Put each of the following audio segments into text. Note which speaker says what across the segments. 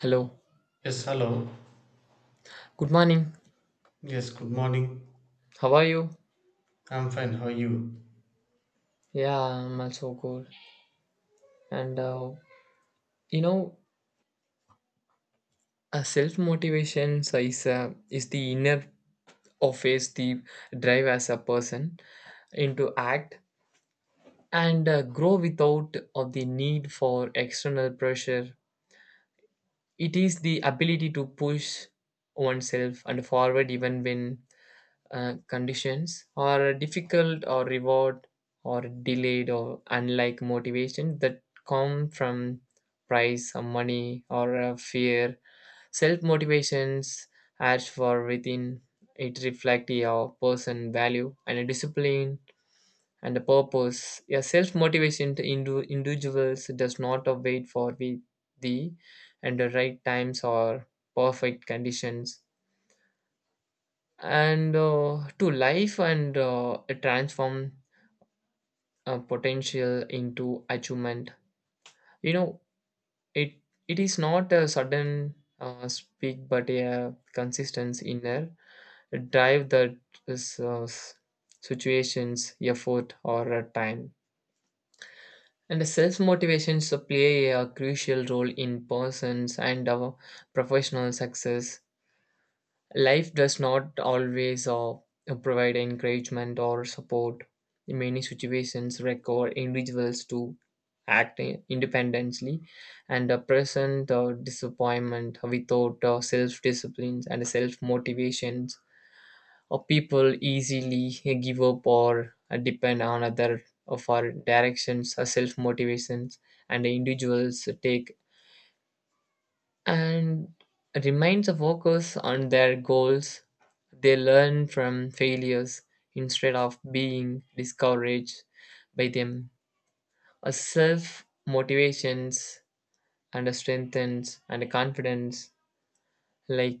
Speaker 1: Hello.
Speaker 2: Yes, hello.
Speaker 1: Good morning.
Speaker 2: Yes, good morning.
Speaker 1: How are you?
Speaker 2: I'm fine. How are you?
Speaker 1: Yeah, I'm also good. And you know, self motivation is the inner of is the drive as a person into act and grow without of the need for external pressure. It is the ability to push oneself and forward even when conditions or difficult or reward or delayed or unlike motivation that come from price or money or fear self motivations as for within it reflect your person value and a discipline and a purpose a self motivation to individuals does not wait for the- and the right times or perfect conditions and to life and transform potential into achievement you know it it is not a sudden speak but a consistent inner drive that is situations effort or a time and the self motivations play a crucial role in persons and our professional success. Life does not always provide encouragement or support. In many situations, require individuals to act independently and present disappointment without self disciplines and self motivations. People easily give up or depend on other for directions or self motivations, and individuals take and reminds the workers on their goals. They learn from failures instead of being discouraged by them. A self motivations and a strengthens and a confidence like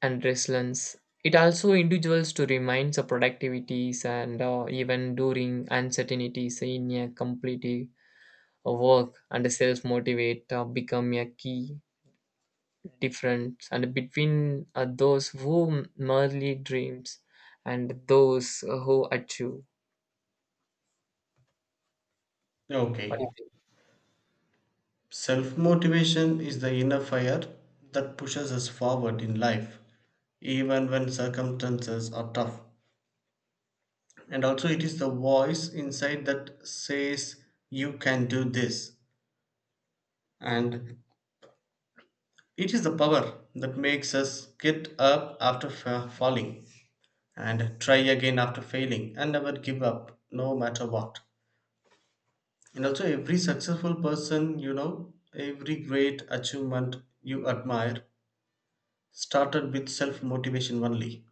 Speaker 1: and resilience. It also individuals to remind the productivities and even during uncertainties in a complete work and self motivate become a key difference and between those who merely dreams and those who achieve. But
Speaker 2: Okay. Self motivation is the inner fire that pushes us forward in life, even when circumstances are tough. And also, it is the voice inside that says, You can do this. And it is the power that makes us get up after falling and try again after failing and never give up, no matter what. And also, every successful person, every great achievement you admire started with self motivation only.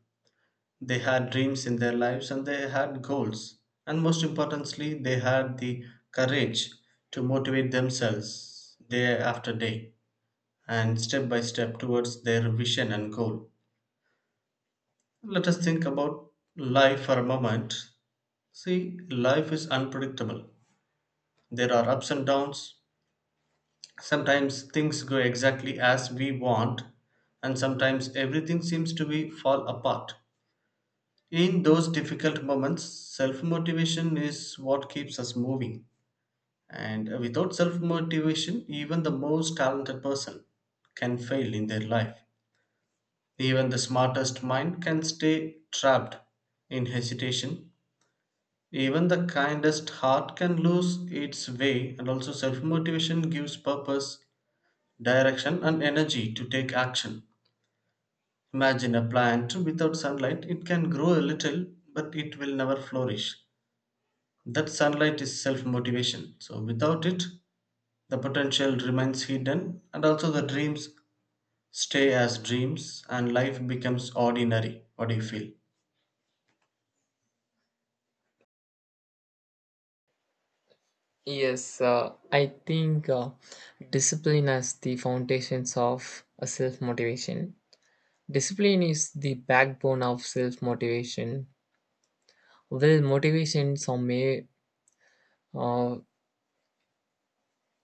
Speaker 2: They had dreams in their lives and they had goals. And most importantly, they had the courage to motivate themselves day after day and step by step towards their vision and goal. Let us think about life for a moment. See, life is unpredictable, there are ups and downs. Sometimes things go exactly as we want, and sometimes everything seems to be fall apart. In those difficult moments, self motivation is what keeps us moving. And without self motivation, even the most talented person can fail in their life. Even the smartest mind can stay trapped in hesitation. Even the kindest heart can lose its way, and also self motivation gives purpose direction and energy to take action. Imagine a plant without sunlight, it can grow a little, but it will never flourish. That sunlight is self motivation. So, without it, the potential remains hidden, and also the dreams stay as dreams, and life becomes ordinary. What do you feel?
Speaker 1: yes, I think discipline as the foundations of self motivation. Discipline is the backbone of self motivation. Well, motivation some may uh,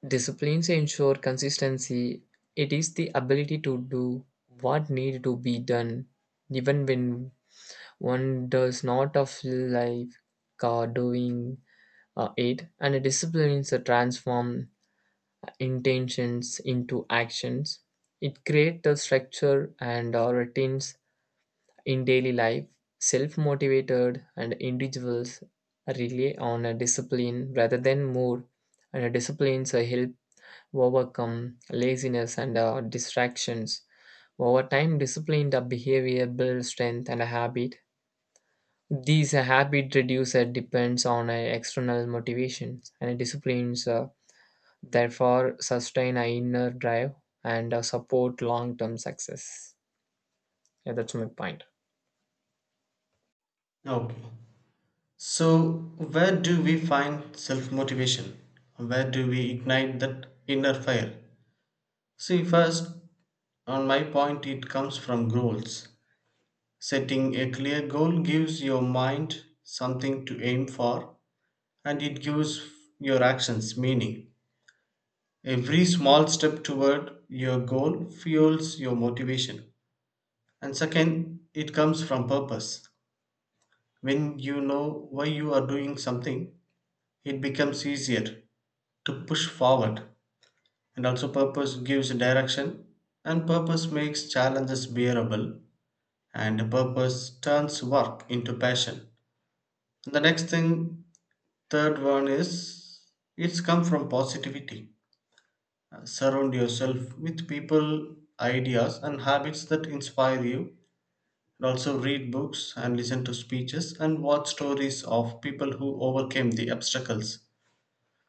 Speaker 1: disciplines ensure consistency. It is the ability to do what need to be done even when one does not of life, doing it, and it disciplines transform intentions into actions. It creates a structure and routines in daily life. Self-motivated and individuals rely on a discipline rather than more, and disciplines help overcome laziness and distractions. Over time, disciplined behavior builds strength and a habit. These habit reducer depends on external motivations and disciplines, therefore sustain our inner drive and support long-term success. Yeah, that's my point.
Speaker 2: Okay. So, where do we find self motivation? Where do we ignite that inner fire? See, first, on my point, it comes from goals. Setting a clear goal gives your mind something to aim for and it gives your actions meaning. Every small step toward your goal fuels your motivation. And second, it comes from purpose. When you know why you are doing something, it becomes easier to push forward. And also, purpose gives direction, and purpose makes challenges bearable, and purpose turns work into passion. The next thing, third one is, it's come from positivity. Surround yourself with people, ideas, and habits that inspire you. And also read books and listen to speeches and watch stories of people who overcame the obstacles.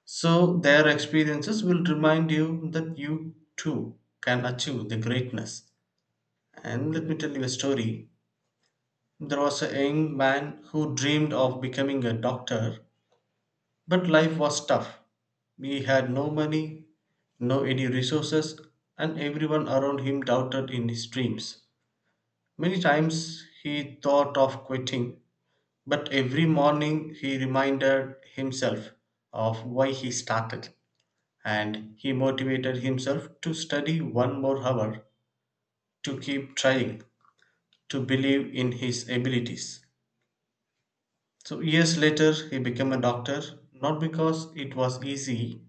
Speaker 2: So their experiences will remind you that you too can achieve the greatness. And let me tell you a story. There was a young man who dreamed of becoming a doctor. But life was tough. He had no money, no any resources, and everyone around him doubted in his dreams. Many times he thought of quitting, but every morning he reminded himself of why he started, and he motivated himself to study one more hour, to keep trying, to believe in his abilities. So, years later, he became a doctor, not because it was easy,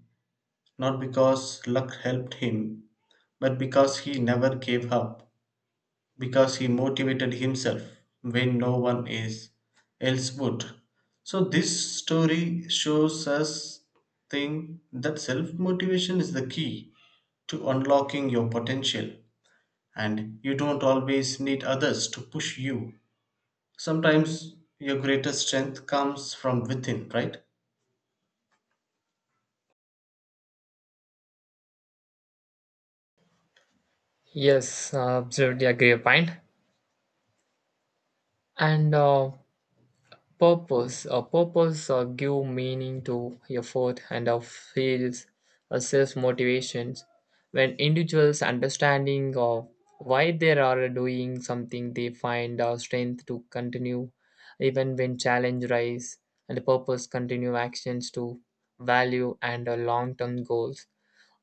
Speaker 2: not because luck helped him, but because he never gave up, because he motivated himself when no one is, else would. So this story shows us thing that self motivation is the key to unlocking your potential and you don't always need others to push you. Sometimes your greatest strength comes from within, right?
Speaker 1: Yes, absolutely agree your point. And Purpose. A purpose give meaning to effort and feels self motivations. When individuals understanding of why they are doing something, they find strength to continue even when challenge rise and purpose continue actions to value and long-term goals.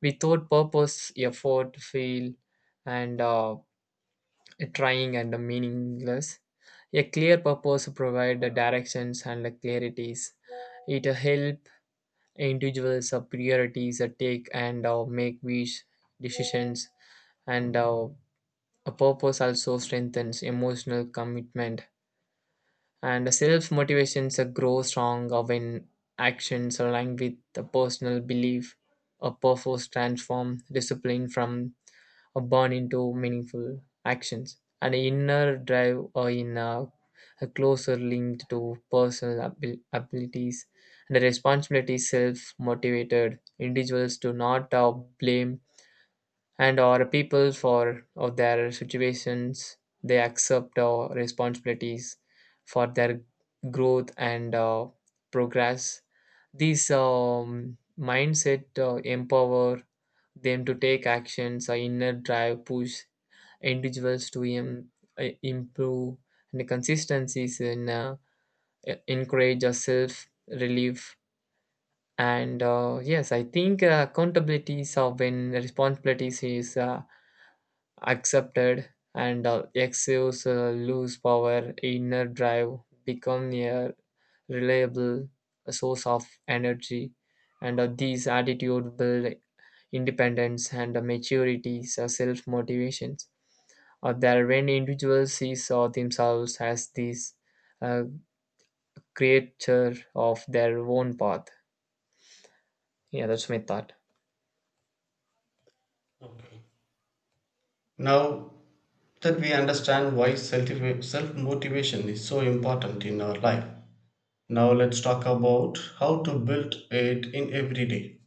Speaker 1: Without purpose, effort feel and trying and meaningless. A clear purpose provides the directions and the clarities. It helps individuals priorities take and make wise decisions and a purpose also strengthens emotional commitment and self motivations grow strong when actions align with the personal belief. A purpose transform discipline from a burn into meaningful actions and inner drive are in a closer linked to personal abilities and the responsibility self motivated individuals do not blame and or people for or their situations. They accept responsibilities for their growth and progress. These mindset empower them to take actions a inner drive push individuals to improve and consistencies in encourage a self relief and yes I think accountabilities of when responsibilities is accepted and excuse lose power inner drive become a reliable source of energy and these attitude build independence and maturity so self motivations that when individuals see saw themselves as these uh, creature of their own path. Yeah, that's my thought.
Speaker 2: Okay. Now that we understand why self motivation is so important in our life. Now, let's talk about how to build it in every day.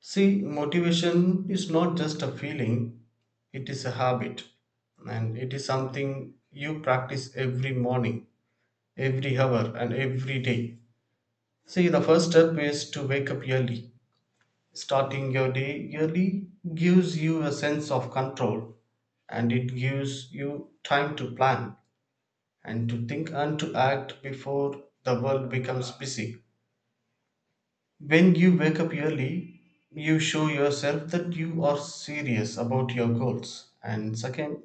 Speaker 2: See, motivation is not just a feeling, it is a habit, and it is something you practice every morning, every hour, and every day. See, the first step is to wake up early. Starting your day early gives you a sense of control and it gives you time to plan and to think and to act before the world becomes busy. When you wake up early, you show yourself that you are serious about your goals. And second,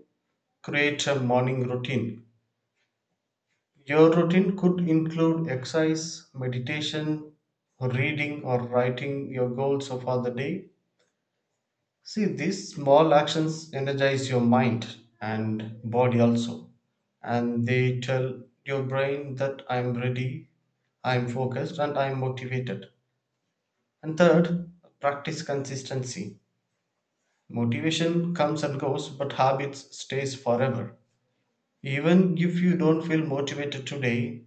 Speaker 2: create a morning routine. Your routine could include exercise, meditation, reading, or writing your goals for the day. See, these small actions energize your mind and body also. And they tell your brain that I'm ready, I'm focused, and I'm motivated. And third, practice consistency. Motivation comes and goes, but habits stays forever. Even if you don't feel motivated today,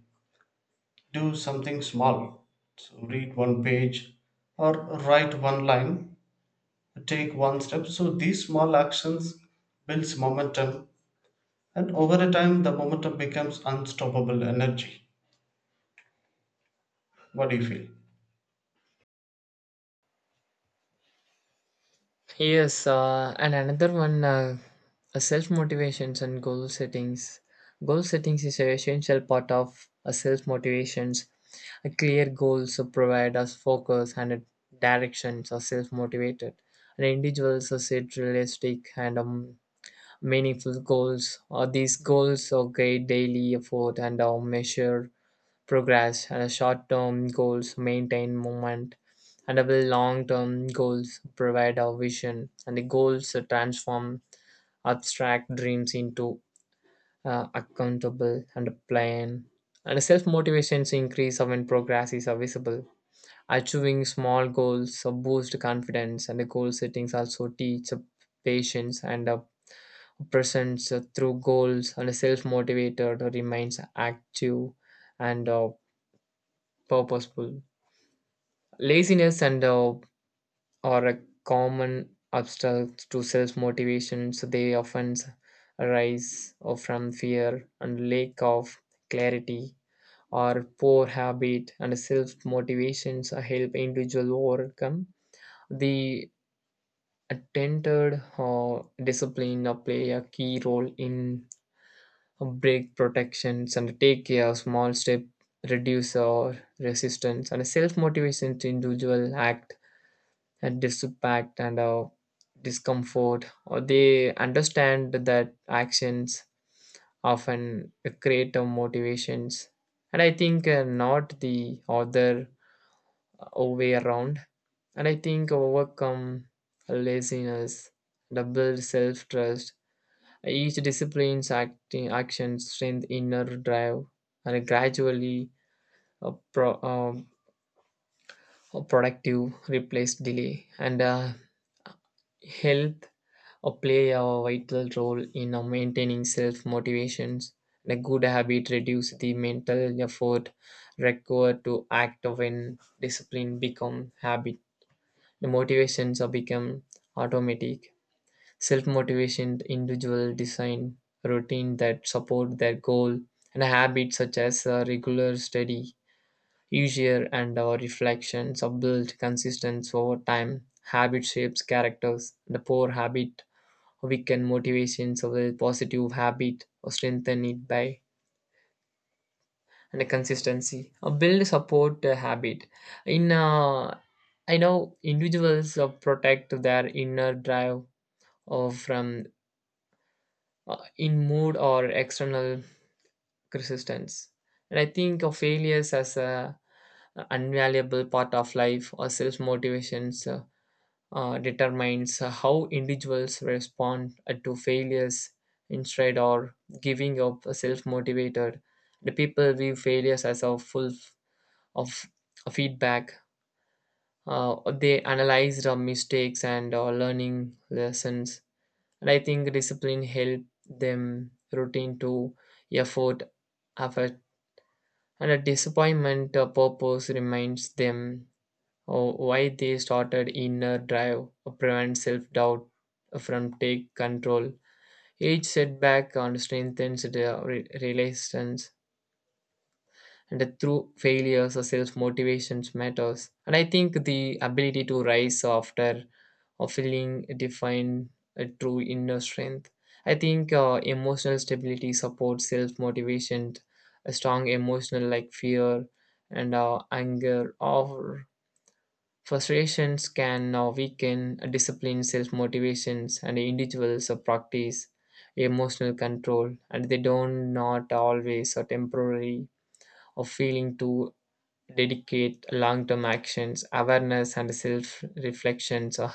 Speaker 2: do something small. So read one page or write one line, take one step. So these small actions builds momentum. And over a time, the momentum becomes unstoppable energy. What do you feel?
Speaker 1: Yes, and another one, self motivations and goal settings. Goal settings is an essential part of a self motivations. A clear goals to provide us focus and a directions are self motivated. And individuals are set realistic and meaningful goals. Or these goals are guide daily effort and are measure progress and short-term goals maintain movement and our long-term goals provide our vision and the goals transform abstract dreams into accountable and a plan and self-motivations increase when progress is visible. Achieving small goals boost confidence and the goal settings also teach patience and presence through goals and self-motivated remains active and purposeful. Laziness and are a common obstacle to self motivation, so they often arise from fear and lack of clarity or poor habit and self motivations help individual overcome the attended discipline play a key role in break protections and take a small step reduce our resistance and self motivation to individual act and disaffect and discomfort or they understand that actions often create a motivations and I think not the other way around. And I think overcome laziness the build self-trust each discipline's acting action strength inner drive and gradually a pro, um, a productive replace delay and health or play a vital role in maintaining self motivations. A good habit reduce the mental effort required to act when discipline become habit. The motivations are become automatic. Self motivation individual design routine that support their goal and habits such as regular study, usual and reflections are built consistent over time. Habit shapes characters. The poor habit we can motivations or a positive habit or strengthen it by and a consistency or build support habit in I know individuals protect their inner drive or from in mood or external resistance. And I think of failures as a invaluable part of life or self motivations determines how individuals respond to failures instead or giving up self-motivated the people view failures as a full of feedback. uh, they analyze the mistakes and learning lessons. And I think discipline help them routine to effort effort and a disappointment purpose reminds them why they started inner drive prevent self-doubt from take control each setback and strengthens the resilience. And through failures self-motivations matters and I think the ability to rise after or feeling define a true inner strength. I think emotional stability supports self-motivation. A strong emotional like fear and anger or frustrations can now weaken discipline, self motivations, and individuals of practice emotional control, and they don't not always or temporarily or feeling to dedicate long term actions, awareness, and self reflections or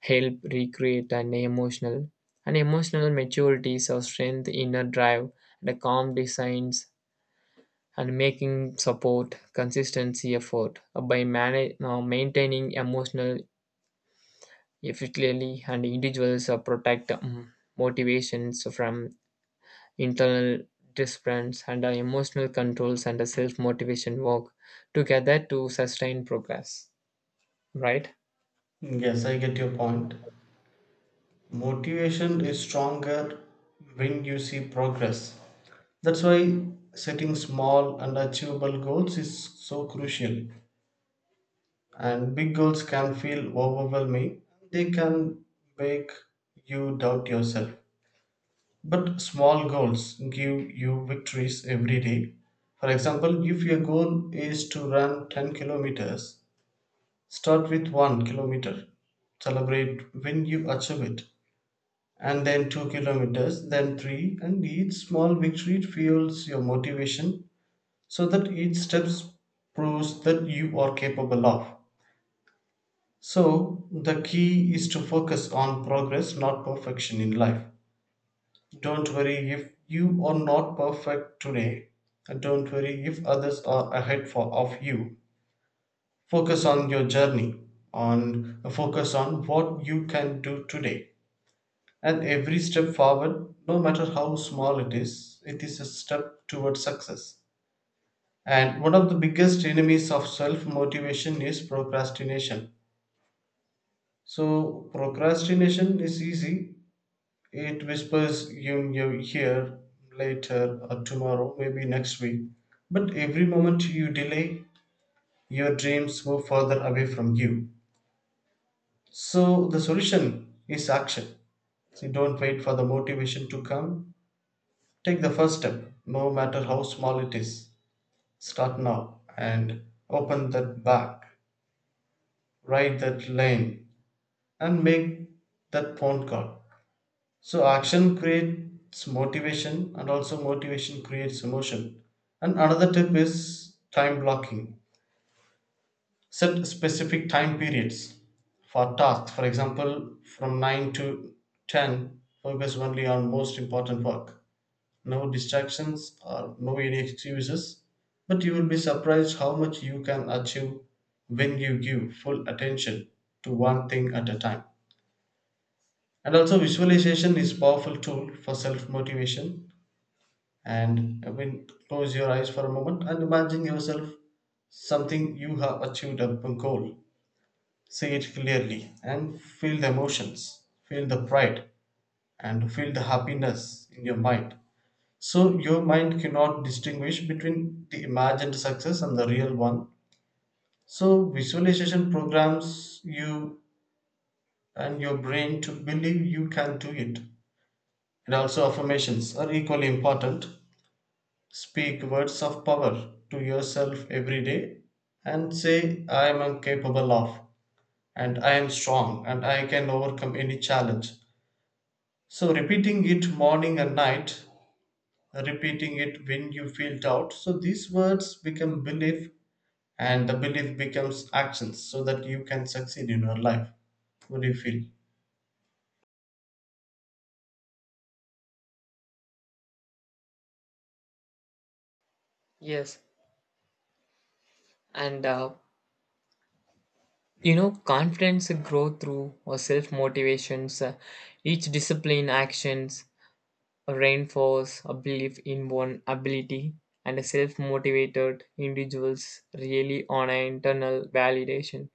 Speaker 1: help recreate an emotional and emotional maturity or strength inner drive and a calm designs and making support consistency effort by maintaining emotional effectively, and individuals protect motivations from internal disciplines and emotional controls and self motivation work together to sustain progress. Right?
Speaker 2: Yes, I get your point. Motivation is stronger when you see progress. That's why setting small and achievable goals is so crucial. And big goals can feel overwhelming, they can make you doubt yourself. But small goals give you victories every day. For example, if your goal is to run 10 kilometers, start with 1 kilometer, celebrate when you achieve it, and then 2 kilometers, then three, and each small victory fuels your motivation so that each step proves that you are capable of. So, the key is to focus on progress, not perfection in life. Don't worry if you are not perfect today. Don't worry if others are ahead for, of you. Focus on your journey, on focus on what you can do today, and every step forward, no matter how small it is, it is a step towards success. And one of the biggest enemies of self motivation is procrastination. So procrastination is easy, it whispers in your ear, later or tomorrow, maybe next week, but every moment you delay, your dreams move further away from you. So the solution is action. So don't wait for the motivation to come. Take the first step, no matter how small it is. Start now and open that back, ride that lane, and make that phone call. So action creates motivation, and also motivation creates emotion. And another tip is time blocking, set specific time periods for tasks, for example from 9 to 10 focus only on most important work, no distractions or no any excuses, but you will be surprised how much you can achieve when you give full attention to one thing at a time. And also visualization is a powerful tool for self motivation, and I mean, close your eyes for a moment and imagine yourself something you have achieved, a goal. See it clearly and feel the emotions, feel the pride, and feel the happiness in your mind. So, your mind cannot distinguish between the imagined success and the real one. So, visualization programs you and your brain to believe you can do it. And also, affirmations are equally important. Speak words of power to yourself every day and say, I am capable of, and I am strong, and I can overcome any challenge. So repeating it morning and night, repeating it when you feel doubt. So these words become belief and the belief becomes actions so that you can succeed in your life. What do you feel?
Speaker 1: Yes, and confidence grow through or self motivations. Each discipline actions reinforce a belief in one ability, and self motivated individuals really on an internal validation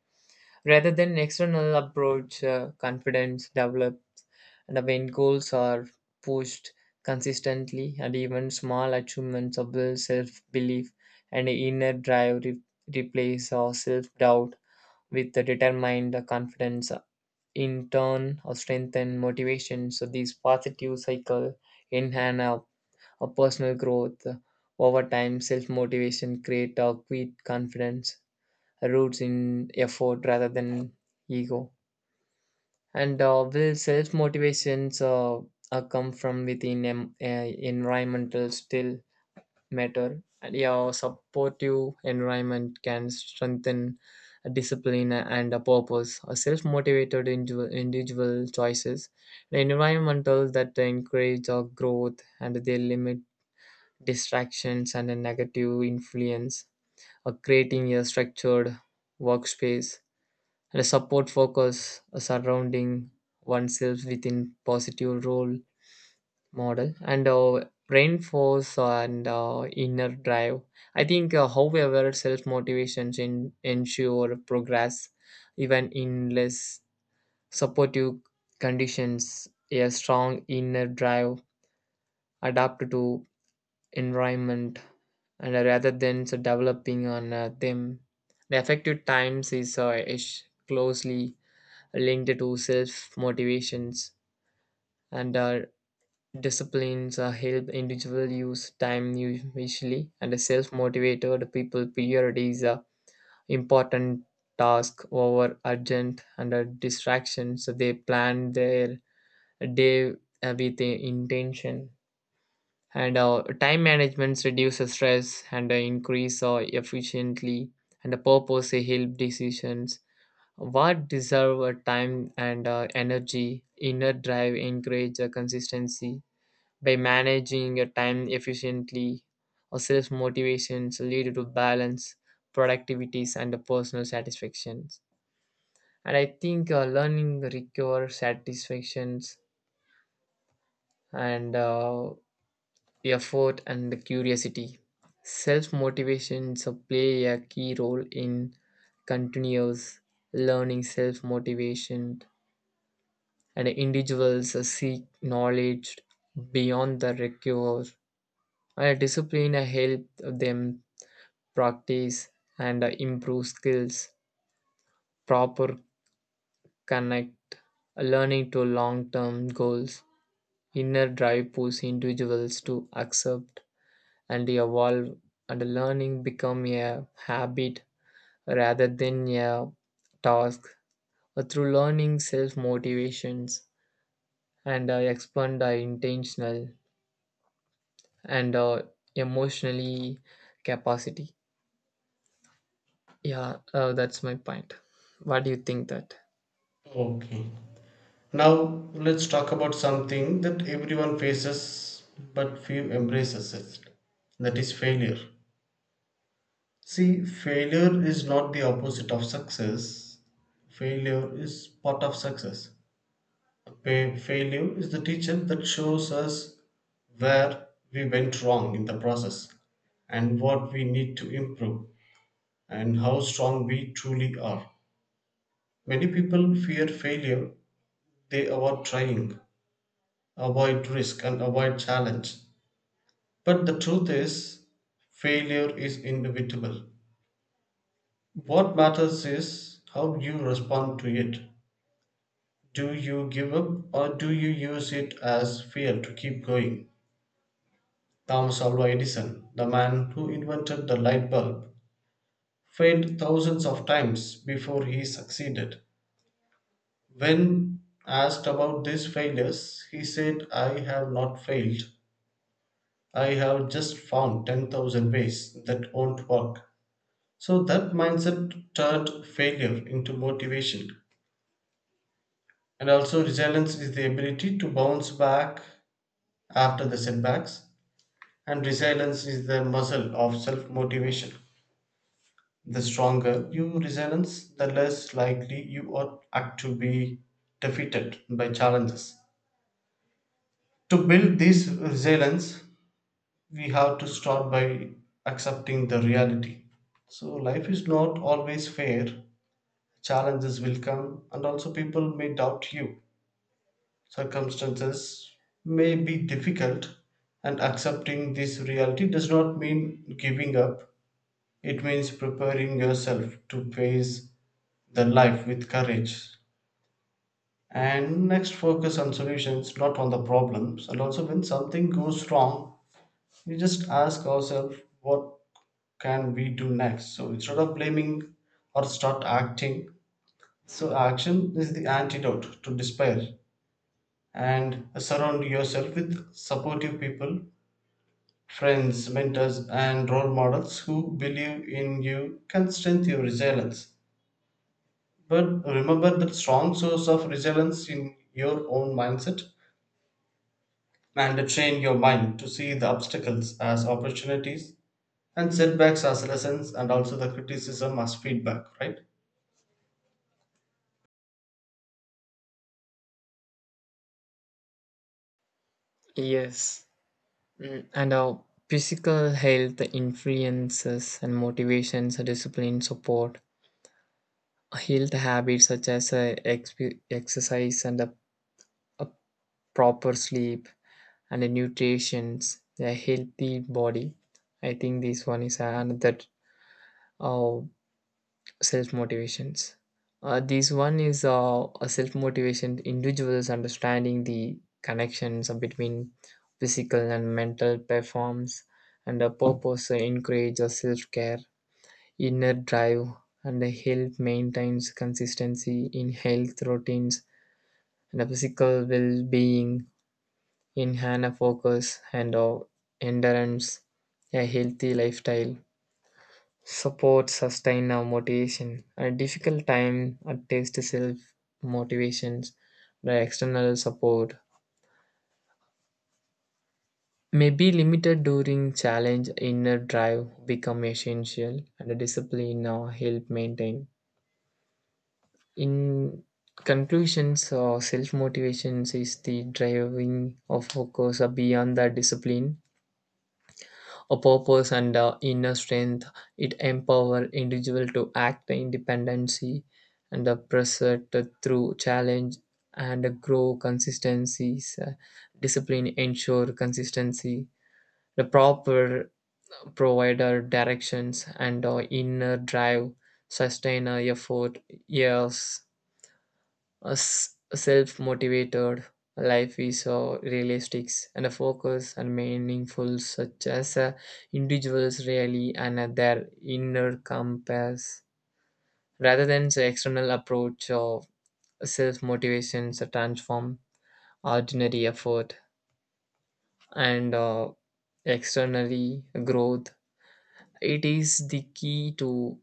Speaker 1: rather than external approach. Confidence develops and when goals are pushed consistently and even small achievements of self-belief and inner drive replace or self-doubt with the determined confidence in turn or strengthen motivation. So this positive cycle enhance our personal growth over time self-motivation create a quit confidence roots in effort rather than ego. And Will self motivations come from within environmental still matter? And yeah, supportive environment can strengthen a discipline and a purpose. A self motivated individual choices, the environmental that encourage our growth and they limit distractions and a negative influence, creating a structured workspace the support focus surrounding oneself within positive role model and reinforce and inner drive. I think, however, self motivations in ensure progress even in less supportive conditions. A strong inner drive adapt to environment and rather than so, developing on them. The effective times is closely linked to self motivations and our disciplines help individual use time usually and self motivated people prioritize important task over urgent and distractions so they plan their day with a intention and time management reduces stress and increase efficiently and the purpose help decisions. What deserve a time and energy, inner drive encourage a consistency by managing your time efficiently. Or self motivations lead to balance, productivities, and the personal satisfactions. And I think learning require satisfactions and effort and the curiosity. Self motivations play a key role in continuous learning self motivation and individuals seek knowledge beyond the regular and discipline help them practice and improve skills proper connect learning to long-term goals inner drive pushes individuals to accept and evolve and learning become a habit rather than a task through learning self motivations and expand the intentional and emotionally capacity. Yeah, that's my point. What do you think that?
Speaker 2: Okay. Now let's talk about something that everyone faces but few embraces it. That is failure. See, failure is not the opposite of success. Failure is part of success. Failure is the teacher that shows us where we went wrong in the process and what we need to improve and how strong we truly are. Many people fear failure, they avoid trying, avoid risk, and avoid challenge. But the truth is, failure is inevitable. What matters is how you respond to it. Do you give up or do you use it as fuel to keep going? Thomas Alva Edison, the man who invented the light bulb, failed thousands of times before he succeeded. When asked about these failures, he said, I have not failed. I have just found 10,000 ways that won't work. So that mindset turned failure into motivation. And also, resilience is the ability to bounce back after the setbacks, and resilience is the muscle of self motivation. The stronger your resilience, the less likely you are act to be defeated by challenges. To build this resilience, we have to start by accepting the reality. So life is not always fair. Challenges will come and also people may doubt you. Circumstances may be difficult and accepting this reality does not mean giving up. It means preparing yourself to face the life with courage. And next, focus on solutions, not on the problems, and also when something goes wrong we just ask ourselves what can we do next, so instead of blaming, or start acting, so action is the antidote to despair. And surround yourself with supportive people, friends, mentors, and role models who believe in you can strengthen your resilience, but remember that strong source of resilience in your own mindset, and train your mind to see the obstacles as opportunities, and setbacks as lessons, and also the criticism as feedback, right?
Speaker 1: Yes. Mm, and our physical health influences and motivations discipline support health habits such as exercise and a proper sleep and the nutrition a healthy body. I think this one is another uh, self motivations. This one is a self motivation. Individuals understanding the connections between physical and mental performs, and a purpose encourage self care, inner drive, and help maintains consistency in health routines and a physical well being, enhance a focus and endurance, a healthy lifestyle support sustain our motivation a difficult time a test self motivations the external support may be limited during challenge inner drive become essential and the discipline now help maintain in conclusions or self motivations is the driving of focus beyond the discipline a purpose and inner strength. It empower individual to act independency and the pursuit through challenge and grow consistencies. Discipline ensure consistency. The proper provider directions and inner drive sustain effort years self-motivated life is realistic and a focus and meaningful such as individuals really and their inner compass rather than the external approach of self-motivation to transform ordinary effort and externally growth. It is the key to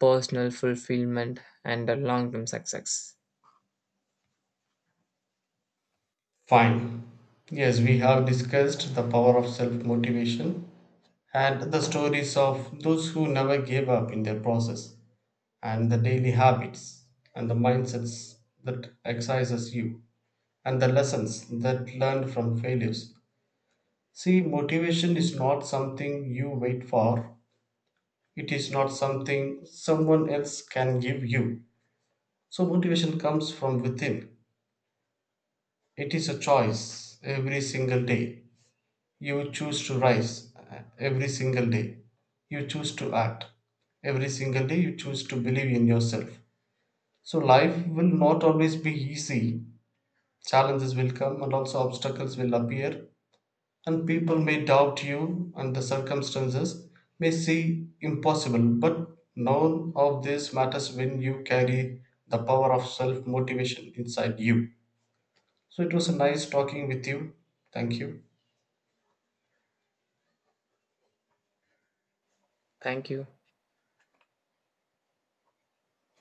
Speaker 1: personal fulfillment and long-term success.
Speaker 2: Fine. Yes, we have discussed the power of self motivation and the stories of those who never gave up in their process and the daily habits and the mindsets that excises you and the lessons that learned from failures. See, motivation is not something you wait for. It is not something someone else can give you. So motivation comes from within. It is a choice every single day. You choose to rise every single day. You choose to act every single day. You choose to believe in yourself. So life will not always be easy. Challenges will come and also obstacles will appear, and people may doubt you and the circumstances may seem impossible, but none of this matters when you carry the power of self motivation inside you. So it was a nice talking with you. Thank you.
Speaker 1: Thank you.